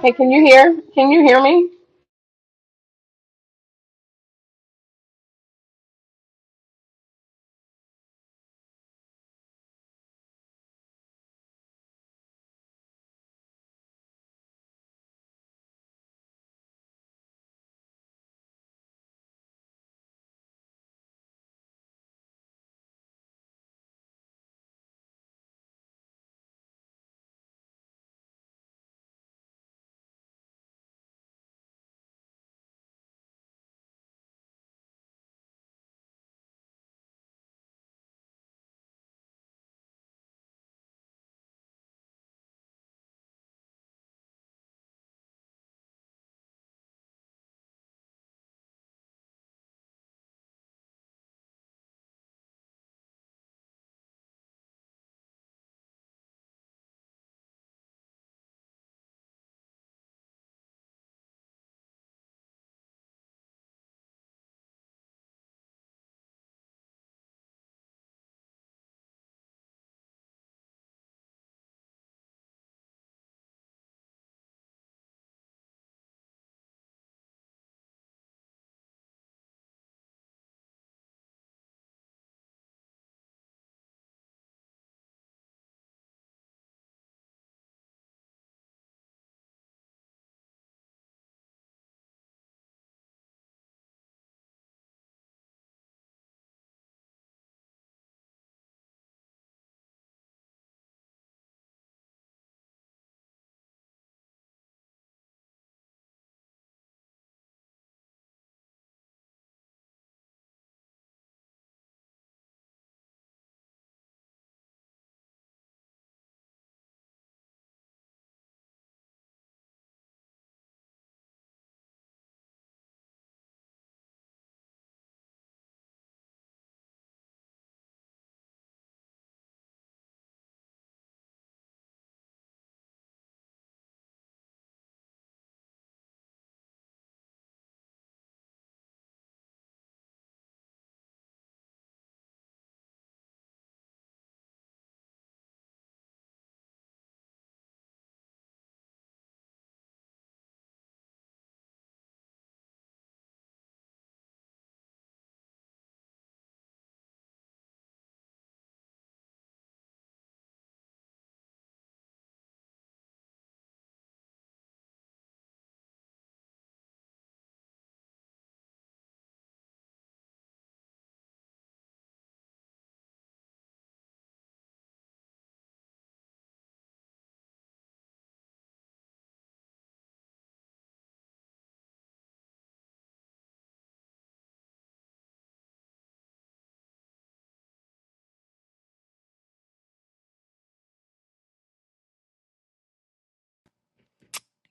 Hey, can you hear? Can you hear me?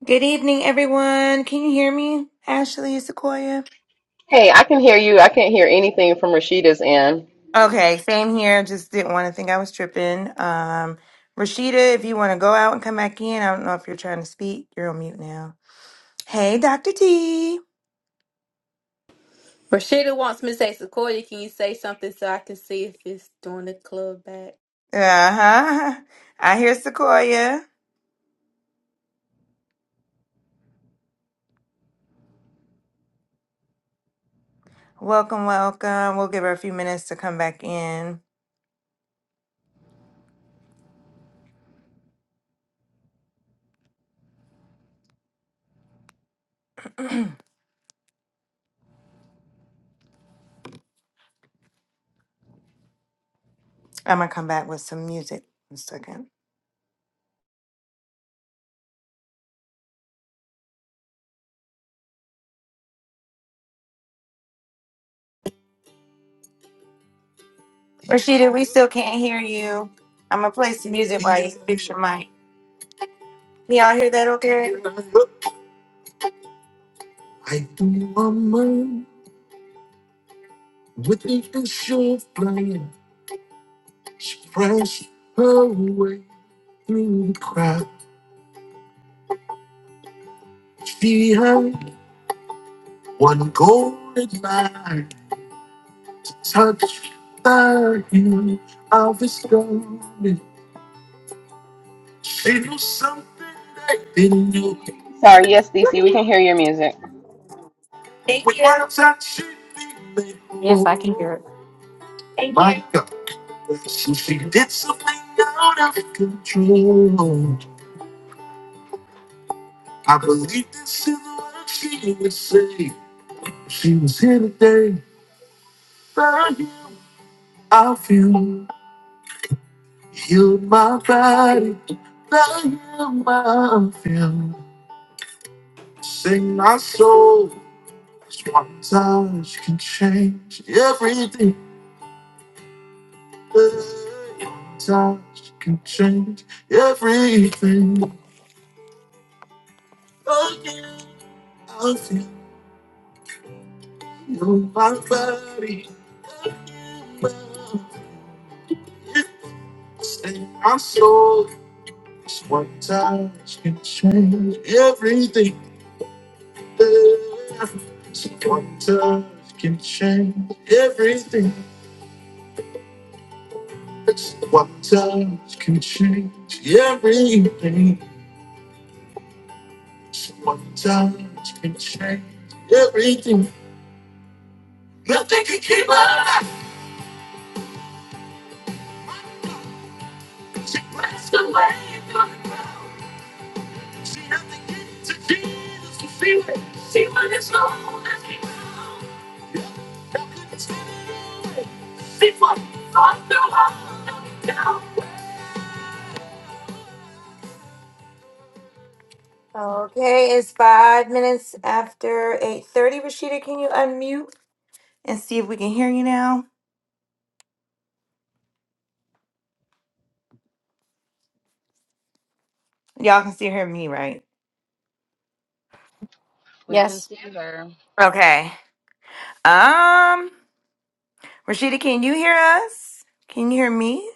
Good evening, everyone. Can you hear me, Ashley Sequoia? Hey, I can hear you. I can't hear anything from Rashida's end. Okay, same here. Just didn't want to think I was tripping. Um, Rashida, if you want to go out and come back in, I don't know if you're trying to speak. You're on mute now. Hey, Dr. T. Rashida wants me to say, Sequoia, can you say something so I can see if it's doing the club back? Uh huh. I hear Sequoia. Welcome, welcome. We'll give her a few minutes to come back in. I'm gonna come back with some music in a second. Rashida, we still can't hear you. I'm gonna play some music while you fix your mic. Can y'all hear that okay? I do a man with the show of pride. she pressed her way through the crowd. She had one golden light, touched the hue of his garment. She knew something I didn't know. Sorry, yes, DC, we can hear your music. Thank with you. one touch, she be me Yes, I whole. can hear it. Thank My you. God, so she did something out of control. I believe this is what she would say. If She was here today. I you, I feel you, my body. I am my feel. Sing my soul. Just one touch can change everything. One touch can change everything. I feel you, my body. Sing my soul. It's one touch can change everything. It's one touch can change everything. It's one touch can change everything. It's one touch can change everything. Nothing can keep us. Nothing can keep us. Okay, it's five minutes after 8.30. Rashida, can you unmute and see if we can hear you now? Y'all can still hear me, right? We can Yes. see her. Okay. Um. Rashida, can you hear us? Can you hear me?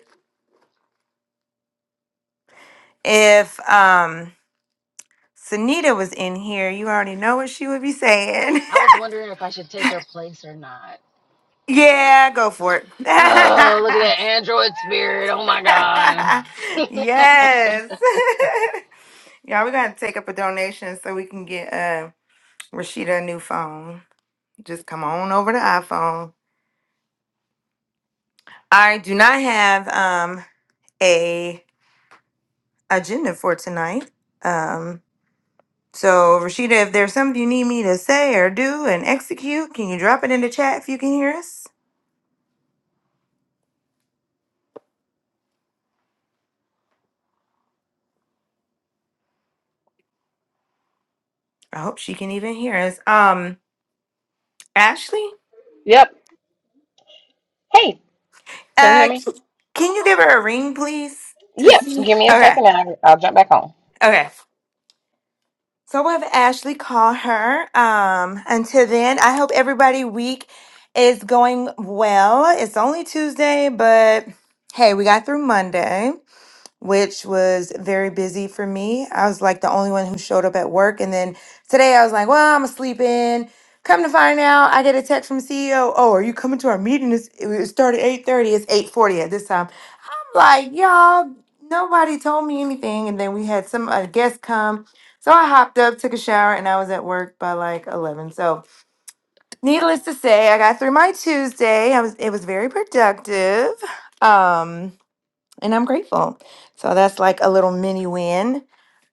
If um Sunita was in here, you already know what she would be saying. I was wondering if I should take her place or not. yeah, go for it. Oh, look at that android spirit. Oh my god. yes. Y'all, we're gonna take up a donation so we can get uh Rashida a new phone. Just come on over to iPhone. I do not have um a agenda for tonight. Um So, Rashida, if there's something you need me to say or do and execute, can you drop it in the chat if you can hear us? I hope she can even hear us. Um, Ashley, Yep. Hey, can you hear uh, me? c- can you give her a ring, please, to Yep. see? Give me a Okay, second and I, I'll jump back on. okay. So we'll have Ashley call her. Um, until then, I hope everybody week is going well. It's only Tuesday, but hey, we got through Monday. which was very busy for me. I was like the only one who showed up at work. And then today I was like, well, I'm gonna sleep in. Come to find out, I get a text from CEO. Oh, are you coming to our meeting? It's, it started at 8.30. It's 8.40 at this time. I'm like, y'all, nobody told me anything. And then we had some a guest come. So I hopped up, took a shower, and I was at work by like 11. So needless to say, I got through my Tuesday. I was, it was very productive. Um, and I'm grateful. So that's like a little mini win.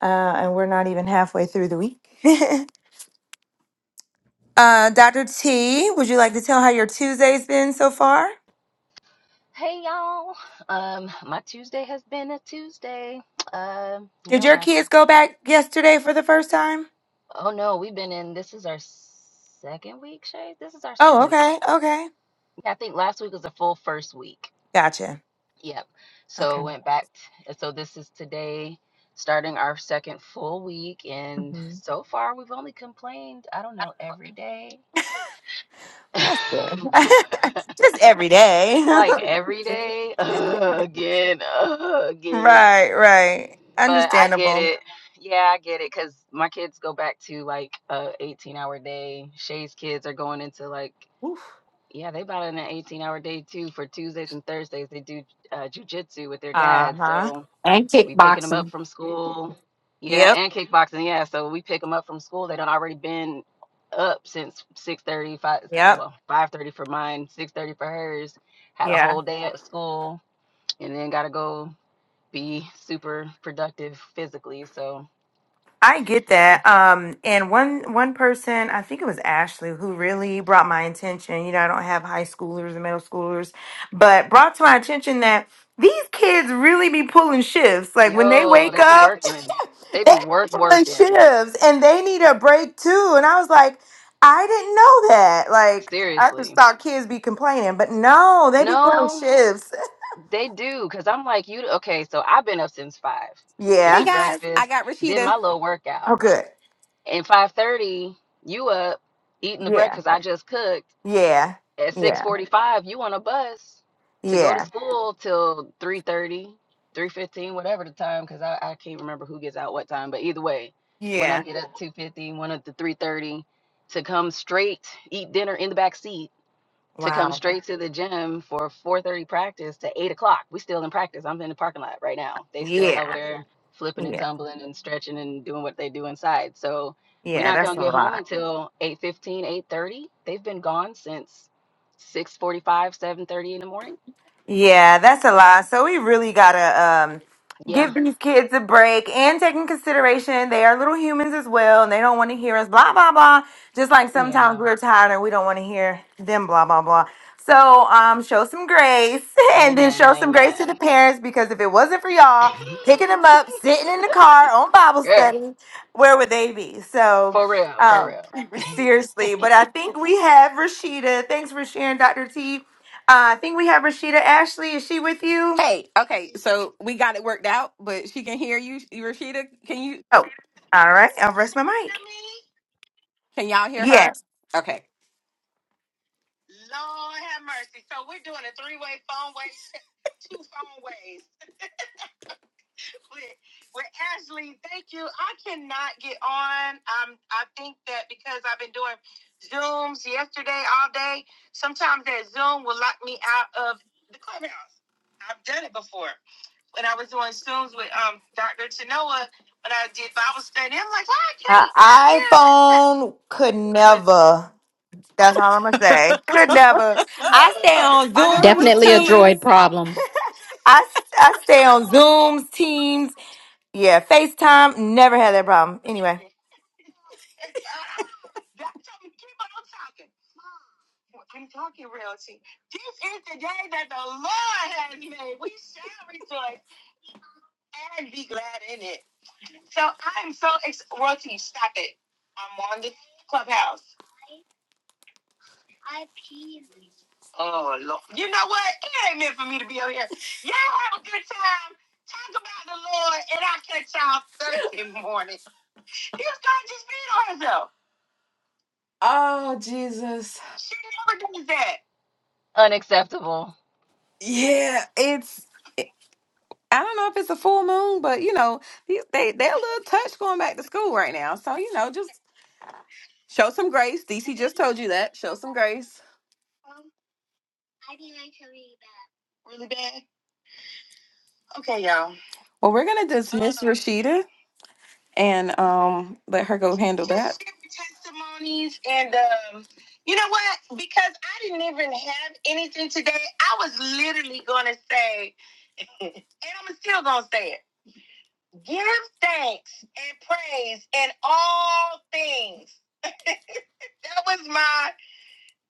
Uh, and we're not even halfway through the week. uh, Dr. T, would you like to tell how your Tuesday's been so far? hey y'all. Um my Tuesday has been a Tuesday. Um, you Did know your my kids go back yesterday for the first time? Oh no, we've been in this is our second week, Shay. This is our Oh, second week. right? okay. Okay. Yeah, I think last week was the full first week. Gotcha. Yep. Okay. So went back t- so this is today starting our second full week and hmm so far we've only complained, I don't know, every day Well, that's good. Just every day. like every day uh, again uh, again right, right. but i get Understandable. it yeah i get it because my kids go back to like a 18 hour day shay's kids are going into like Uh yeah they about in an 18 hour day too for tuesdays and thursdays they do uh, jujitsu with their dad huh. so And we picking them up kickboxing. from school. Yeah, Yep. and kickboxing. Yeah, so we pick them up from school. They done already been up since six thirty, five, Yep. well, 5:30 for mine, 6:30 for hers. Had a Yeah. whole day at school, and then got to go be super productive physically. So I get that. Um, and one one person, I think it was Ashley, who really brought my attention. You know, I don't have high schoolers and middle schoolers, but brought to my attention that these kids really be pulling shifts. Like when they yo, wake they be up, working. they They be be work pulling working. shifts, and they need a break too. And I was like, I didn't know that. Like I just Seriously. thought kids be complaining, but no, they be pulling No, shifts. they do. Cause I'm like you. Okay, so I've been up since five. Cooked Hey Yeah. your guys, I breakfast. got Did Rashida. my little workout Oh, good. and 5:30 you up eating the Yeah. breakfast I just cooked Yeah. at Yeah. 6:45 you on a bus to go to Yeah. school till three thirty, three fifteen, whatever the time cuz I, I can't remember who gets out what time but either way one Yeah. of them get up two fifty, one of the 3:30 to come straight eat dinner in the back seat to Wow. come straight to the gym for 4:30 practice to 8 o'clock. We still in practice. I'm in the parking lot right now. They still over Yeah, there flipping and yeah, tumbling and stretching and doing what they do inside. So we're yeah. not That's gonna a get lot. home until 8:15, 8:30. They've been gone since 6:45, 7:30 in the morning. Yeah, that's a lot. So we really gotta um, Yeah, give these kids a break and take in consideration they are little humans as well, and they don't want to hear us blah blah blah. Just like sometimes yeah. we're tired and we don't want to hear them blah blah blah. So um, show some grace, and then Amen show and some grace to the amen. parents because if it wasn't for y'all picking them up, sitting in the car on Bible yeah, study, where would they be? So. for real, for Um, real. seriously, but I think we have Rashida. Thanks for sharing, Dr. T uh, I think we have Rashida Ashley. Is she with you? Hey, okay, so we got it worked out, but she can hear you, You, Rashida. Can you Oh, all right. I'll rest my hear mic. me? Can y'all hear her? Yes. Okay. Lord have mercy. So we're doing a three-way phone way, two phone ways. With, with Ashley, thank you. I cannot get on. Um, I think that because I've been doing Zooms yesterday all day, sometimes that Zoom will lock me out of the clubhouse. I've done it before. when I was doing Zooms with um Dr. Chenoa, when I did Bible study, I'm like, why An I can't hear? iPhone could But never. That's all I'm going to say. Could never. I stay uh, on I knew it was Zooms, Definitely a coming. Teams. keep droid problem. I, I stay on Zooms, Teams. Yeah, FaceTime. Never had that problem. Anyway. on talking. I'm talking realty. This is the day that the Lord has made. We shall rejoice and be glad in it. So I'm so ex- royalty. Stop it. I'm on the clubhouse. Oh Lord. You know what? It ain't meant for me to be over here. Y'all have a good time. Talk about the Lord and I catch y'all Thursday morning. This girl just beat on herself. Oh Jesus. She never does that. Unacceptable. Yeah, it's I don't know if it's a full moon, but you know, these- they they're a little touch going back to school right now. So, you know, just show some grace. DC just told you that. Show some grace. Um, I think I tell you that. Really bad? Okay, y'all. Well, we're gonna dismiss Rashida and um let her go handle that. testimonies and um you know what? Because I didn't even have anything today, I was literally gonna say, and I'm still gonna say it. Give thanks and praise in all things. That was my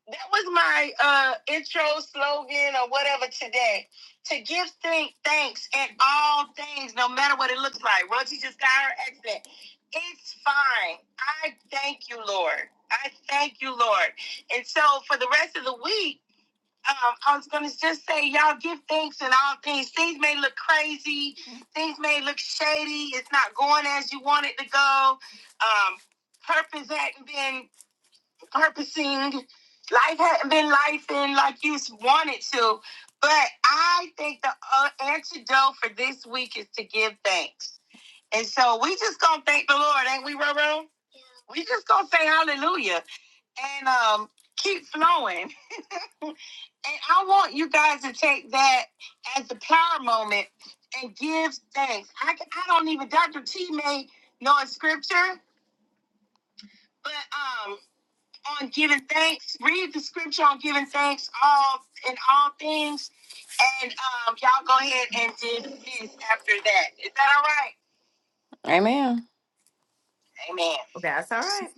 that was my uh intro slogan or whatever today. To give thank thanks at all things, no matter what it looks like. Rosie just got her accident. It's fine. I thank you, Lord. I thank you, Lord. And so for the rest of the week, um, I was gonna just say, y'all give thanks in all things. Things may look crazy, things may look shady, it's not going as you want it to go. Um, purpose hadn't been purposing. Life hadn't been life in like you wanted to. But I think the uh, antidote for this week is to give thanks. And so we just gonna thank the Lord, ain't we, Roro? We just gonna say hallelujah and um keep flowing. And I want you guys to take that as the power moment and give thanks. I, I don't even Dr. T may know a scripture, but um. on giving thanks. Read the scripture on giving thanks all in all things, and um, y'all go ahead and do this after that. Is that all right? Amen. Amen. That's all right.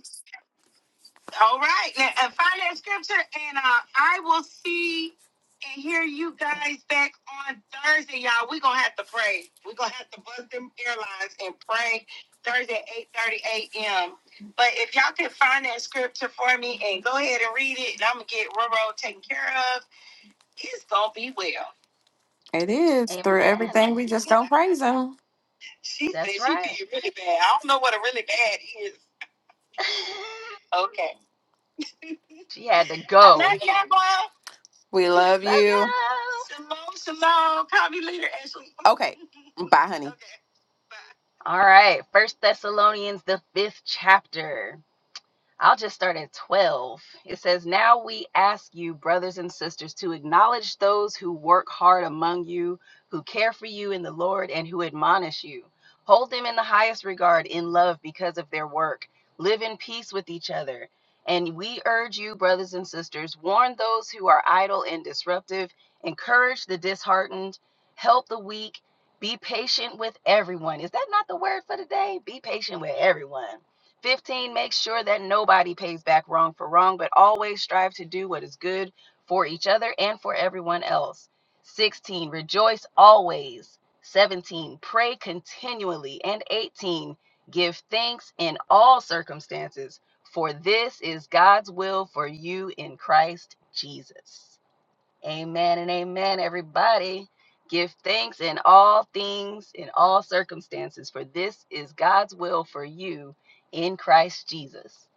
All right. Now, uh, find that scripture, and uh, I will see and hear you guys back on Thursday, y'all. We're going to have to pray. We're going to have to buzz them airlines and pray Thursday at 8.30 a.m. But if y'all can find that scripture for me and go ahead and read it, and I'm going to get Roro taken care of It's gonna be well. It is through Amen. everything. We just don't praise him. She That's said she right. feel really bad. I don't know what a really bad is. Okay. she had to I go. love you, everyone. We love Love you. y'all. Shalom, shalom. Call me later, Ashley. Okay. Bye, honey. okay. Bye. All right, First Thessalonians, the fifth chapter. I'll just start in 12. It says, Now we ask you, brothers and sisters, to acknowledge those who work hard among you, who care for you in the Lord, and who admonish you. Hold them in the highest regard in love because of their work. Live in peace with each other. And we urge you, brothers and sisters, warn those who are idle and disruptive, encourage the disheartened, help the weak, be patient with everyone. Is that not the word for today? Be patient with everyone 15, make sure that nobody pays back wrong for wrong, but always strive to do what is good for each other and for everyone else. 16, rejoice always. 17, pray continually. And 18, give thanks in all circumstances, for this is God's will for you in Christ Jesus. Amen and amen, everybody. Give thanks in all things, in all circumstances, for this is God's will for you in Christ Jesus.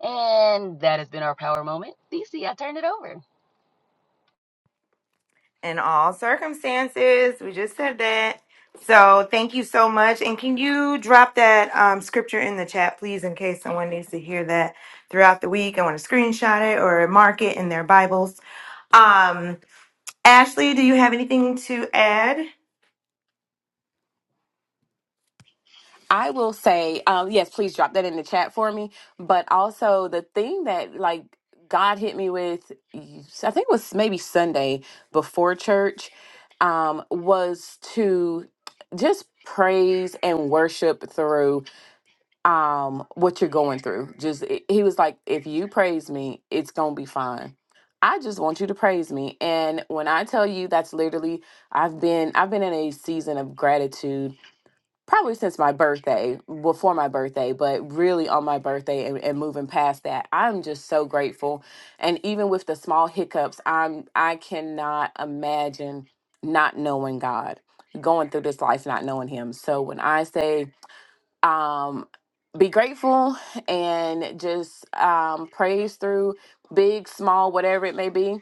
And that has been our power moment. DC, I turned it over. in all circumstances. We just said that. So thank you so much. And can you drop that um, scripture in the chat, please, in case someone needs to hear that throughout the week? I want to screenshot it or mark it in their Bibles. Um, Ashley, do you have anything to add? I will say, um, yes, please drop that in the chat for me. But also, the thing that like God hit me with, I think it was maybe Sunday before church, um, was to just praise and worship through um, what you're going through. Just it- he was like, if you praise me, it's gonna be fine. I just want you to praise me. And when I tell you that's literally I've been I've been in a season of gratitude probably since my birthday, before my birthday, but really on my birthday and, and moving past that, I'm just so grateful. And even with the small hiccups, I'm I cannot imagine not knowing God, going through this life not knowing Him. So when I say, um, be grateful and just um, praise through big, small, whatever it may be.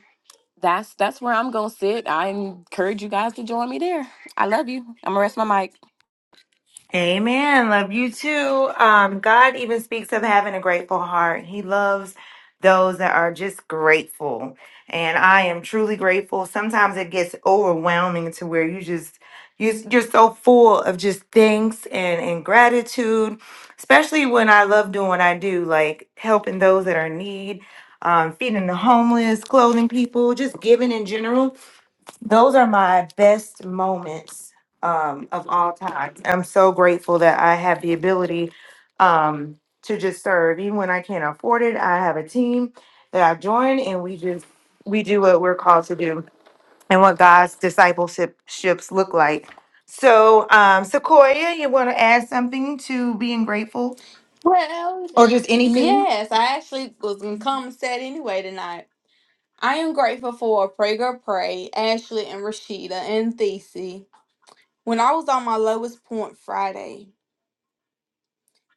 That's that's where I'm gonna sit. I encourage you guys to join me there. I love you. I'm gonna rest my mic. Amen. Love you too. Um, God even speaks of having a grateful heart. He loves those that are just grateful. And I am truly grateful. Sometimes it gets overwhelming to where you just you, you're so full of just thanks and, and gratitude, especially when I love doing what I do, like helping those that are in need, um, feeding the homeless, clothing people, just giving in general. Those are my best moments um, of all time. I'm so grateful that I have the ability um, to just serve, even when I can't afford it. I have a team that I join, and we just we do what we're called to do, and what God's discipleship ships look like. So, um, Sequoia, you want to add something to being grateful, Well, or just anything? yes, I actually was going to come and set anyway tonight. I am grateful for Pray Girl Pray, Ashley and Rashida and Thesey. When I was on my lowest point Friday,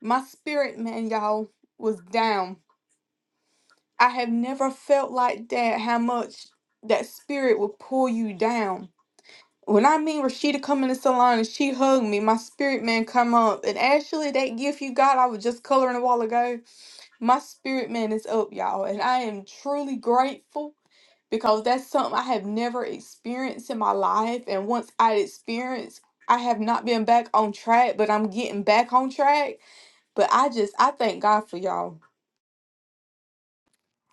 my spirit, man, y'all, was down. I have never felt like that, how much that spirit will pull you down. When I mean Rashida come in the salon and she hugged me, my spirit man come up. And actually, that gift you got, I was just coloring a while ago. My spirit man is up, y'all, and I am truly grateful because that's something I have never experienced in my life. And once I experienced, I have not been back on track, but I'm getting back on track. But I just, I thank God for y'all.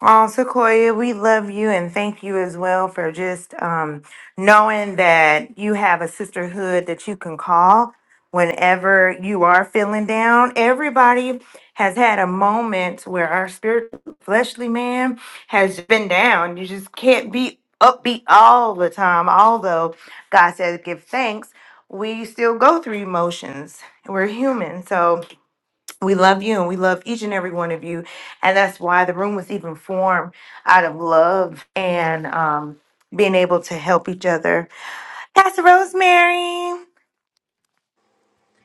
Oh, Sequoia, we love you and thank you as well for just um, knowing that you have a sisterhood that you can call whenever you are feeling down. Everybody has had a moment where our spiritual fleshly man has been down. You just can't be upbeat all the time. Although God says give thanks, we still go through emotions. We're human. So, we love you and we love each and every one of you. And that's why the room was even formed out of love and um, being able to help each other. Pastor Rosemary.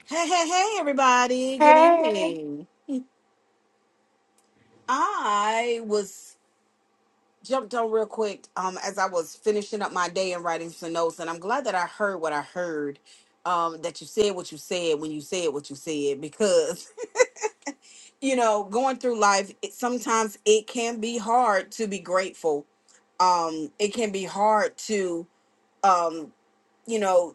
Hey, hey, hey, everybody. Good Hey. evening. I was jumped on real quick um, as I was finishing up my day and writing some notes, and I'm glad that I heard what I heard, um, that you said what you said when you said what you said, because, you know, going through life, it, sometimes it can be hard to be grateful. Um, it can be hard to, um, you know,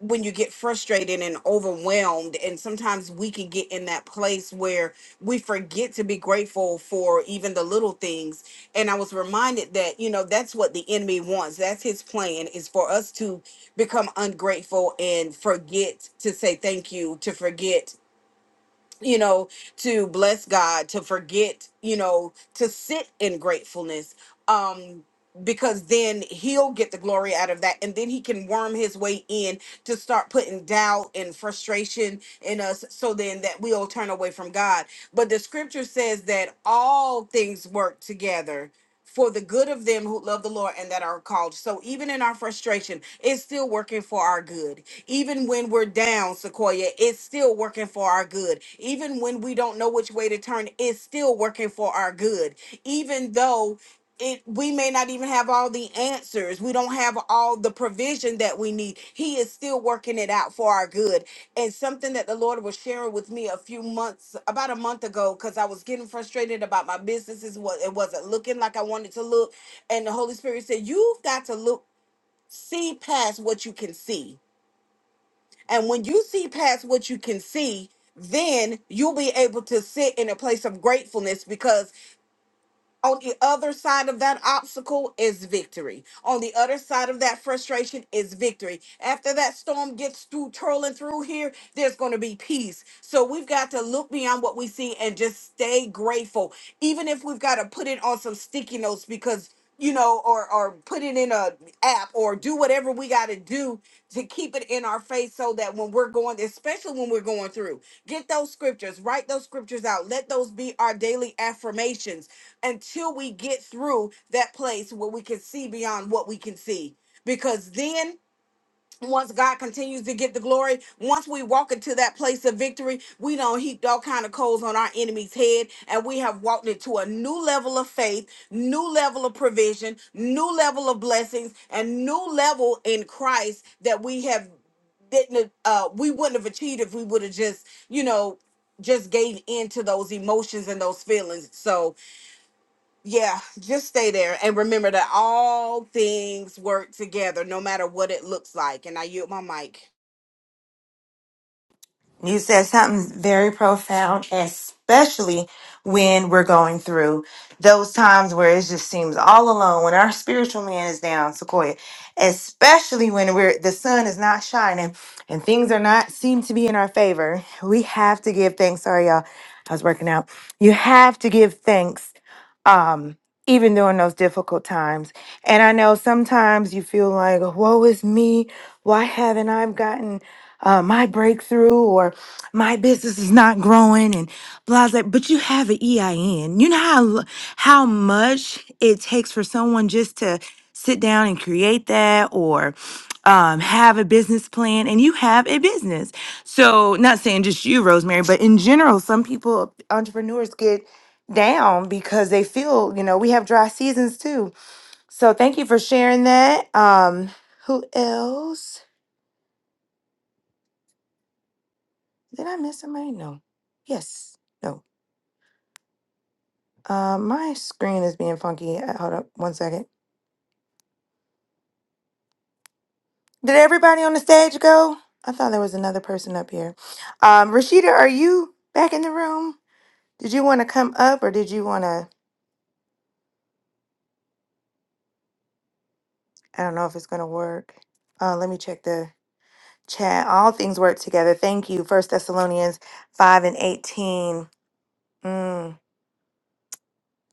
when you get frustrated and overwhelmed and sometimes we can get in that place where we forget to be grateful for even the little things and i was reminded that you know that's what the enemy wants that's his plan is for us to become ungrateful and forget to say thank you to forget you know to bless god to forget you know to sit in gratefulness Um because then he'll get the glory out of that and then he can worm his way in to start putting doubt and frustration in us so then that we'll turn away from God. But the scripture says that all things work together for the good of them who love the Lord and that are called. So even in our frustration, it's still working for our good. Even when we're down, Sequoia, it's still working for our good. Even when we don't know which way to turn, it's still working for our good. Even though it we may not even have all the answers we don't have all the provision that we need he is still working it out for our good and something that the lord was sharing with me a few months about a month ago because i was getting frustrated about my businesses what it wasn't looking like i wanted to look and the holy spirit said you've got to look see past what you can see and when you see past what you can see then you'll be able to sit in a place of gratefulness because on the other side of that obstacle is victory. On the other side of that frustration is victory. After that storm gets through, twirling through here, there's going to be peace. So we've got to look beyond what we see and just stay grateful, even if we've got to put it on some sticky notes because you know, or or put it in a app or do whatever we got to do to keep it in our face so that when we're going, especially when we're going through, get those scriptures, write those scriptures out, let those be our daily affirmations until we get through that place where we can see beyond what we can see. Because then once God continues to get the glory, once we walk into that place of victory, we don't heaped all kind of coals on our enemy's head, and we have walked into a new level of faith, new level of provision, new level of blessings, and new level in Christ that we have didn't uh we wouldn't have achieved if we would have just you know just gave in to those emotions and those feelings. So yeah, just stay there and remember that all things work together, no matter what it looks like. And I yield my mic. You said something very profound, especially when we're going through those times where it just seems all alone, when our spiritual man is down, Sequoia, especially when we're the sun is not shining and things are not seem to be in our favor. We have to give thanks. Sorry, y'all. I was working out. You have to give thanks. Um even during those difficult times. And I know sometimes you feel like, woe is me. Why haven't I gotten uh, my breakthrough or my business is not growing and blah blah. But you have an EIN. You know how l- how much it takes for someone just to sit down and create that or um, have a business plan, and you have a business. So, not saying just you, Rosemary, but in general, some people entrepreneurs get down because they feel you know we have dry seasons too. So, thank you for sharing that. Um, who else? Did I miss somebody? No. Yes. No. Uh, my screen is being funky. Uh, Hold up one second. Did everybody on the stage go? I thought there was another person up here. Um, Rashida, are you back in the room? Did you want to come up or did you want to? I don't know if it's going to work. Uh, let me check the chat. All things work together. Thank you. First Thessalonians 5 and 18. Mm.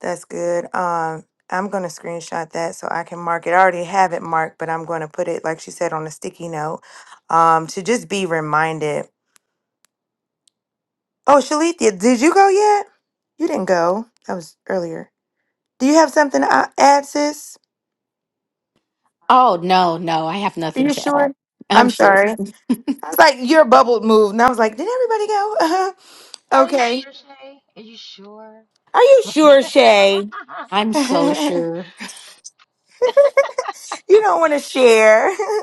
That's good. Um, I'm gonna screenshot that so I can mark it. I already have it marked, but I'm gonna put it, like she said, on a sticky note. Um, to just be reminded. Oh, Shalithia, did you go yet? You didn't go. That was earlier. Do you have something to uh, add, sis? Oh, no, no, I have Are nothing you to sure? add. I'm I'm sure. sorry. I was like, your bubble moved, and I was like, did everybody go? Uh-huh. Are you sure, okay. Shay? Are you sure? Are you sure, Shay? I'm you so sure. don't want to share.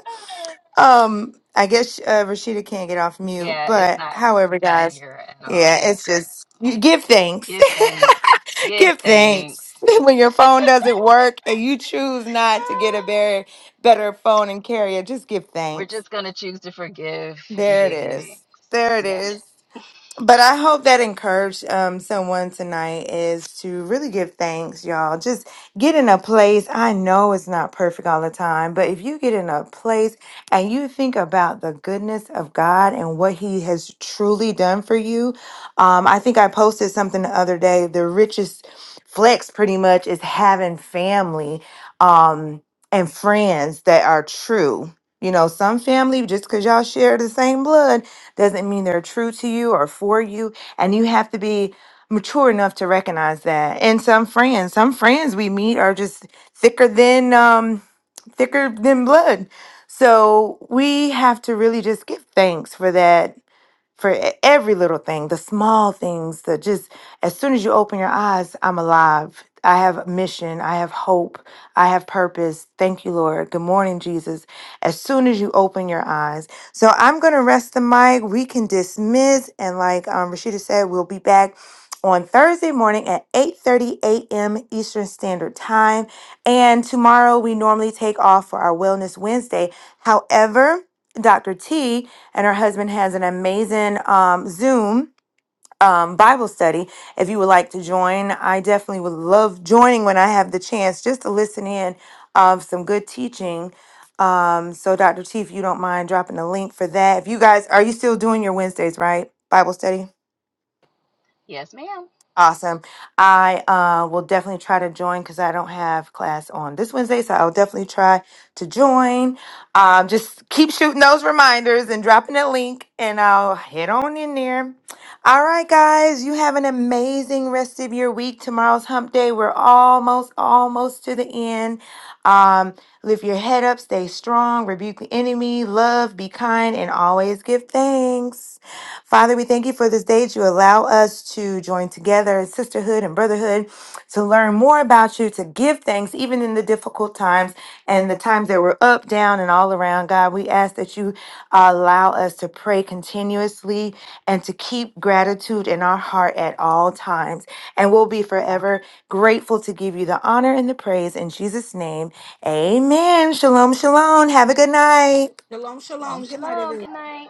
Um, I guess uh, Rashida can't get off mute, yeah, it's but not. however, Can't guys, hear her at yeah, all. it's just you give thanks, Give thanks. Give give thanks. thanks when your phone doesn't work and you choose not to get a better better phone and carrier. Just give We're thanks. just going to choose to forgive and There it give thanks. is. There it Yeah. is. But I hope that encouraged um, someone tonight is to really give thanks, y'all. Just get in a place. I know it's not perfect all the time, but if you get in a place and you think about the goodness of God and what He has truly done for you, um, I think I posted something the other day. The richest flex, pretty much, is having family um, and friends that are true. You know, some family, just because y'all share the same blood, doesn't mean they're true to you or for you. And you have to be mature enough to recognize that. And some friends, some friends we meet are just thicker than um thicker than blood. So we have to really just give thanks for that for e- every little thing, the small things, the just as soon as you open your eyes, I'm alive. I have mission. I have hope. I have purpose. Thank you, Lord. Good morning, Jesus. As soon as you open your eyes. So I'm going to rest the mic. We can dismiss. And like um, Rashida said, we'll be back on Thursday morning at 8.30 a.m. Eastern Standard Time. And tomorrow we normally take off for our Wellness Wednesday. However, Dr. T and her husband has an amazing um, Zoom um, Bible study. If you would like to join, I definitely would love joining when I have the chance just to listen in of some good teaching. Um, so, Dr. T, if you don't mind dropping the link for that. If you guys, are you still doing your Wednesdays, right? Bible study? Yes, ma'am. Awesome. I uh, will definitely try to join because I don't have class on this Wednesday, so I'll definitely try to join. Um, just keep shooting those reminders and dropping a link, and I'll head on in there. All right, guys, you have an amazing rest of your week. Tomorrow's hump day. We're almost, almost to the end. Um, lift your head up, stay strong, rebuke the enemy, love, be kind, and always give thanks. Father, we thank you for this day that you allow us to join together in sisterhood and brotherhood to learn more about you, to give thanks even in the difficult times and the times that were up, down, and all around. God, we ask that you allow us to pray continuously and to keep gratitude in our heart at all times. And we'll be forever grateful to give you the honor and the praise in Jesus' name. Amen. Shalom, shalom. Have a good night. Shalom, Shalom, shalom. Good night, shalom. everyone. Good night.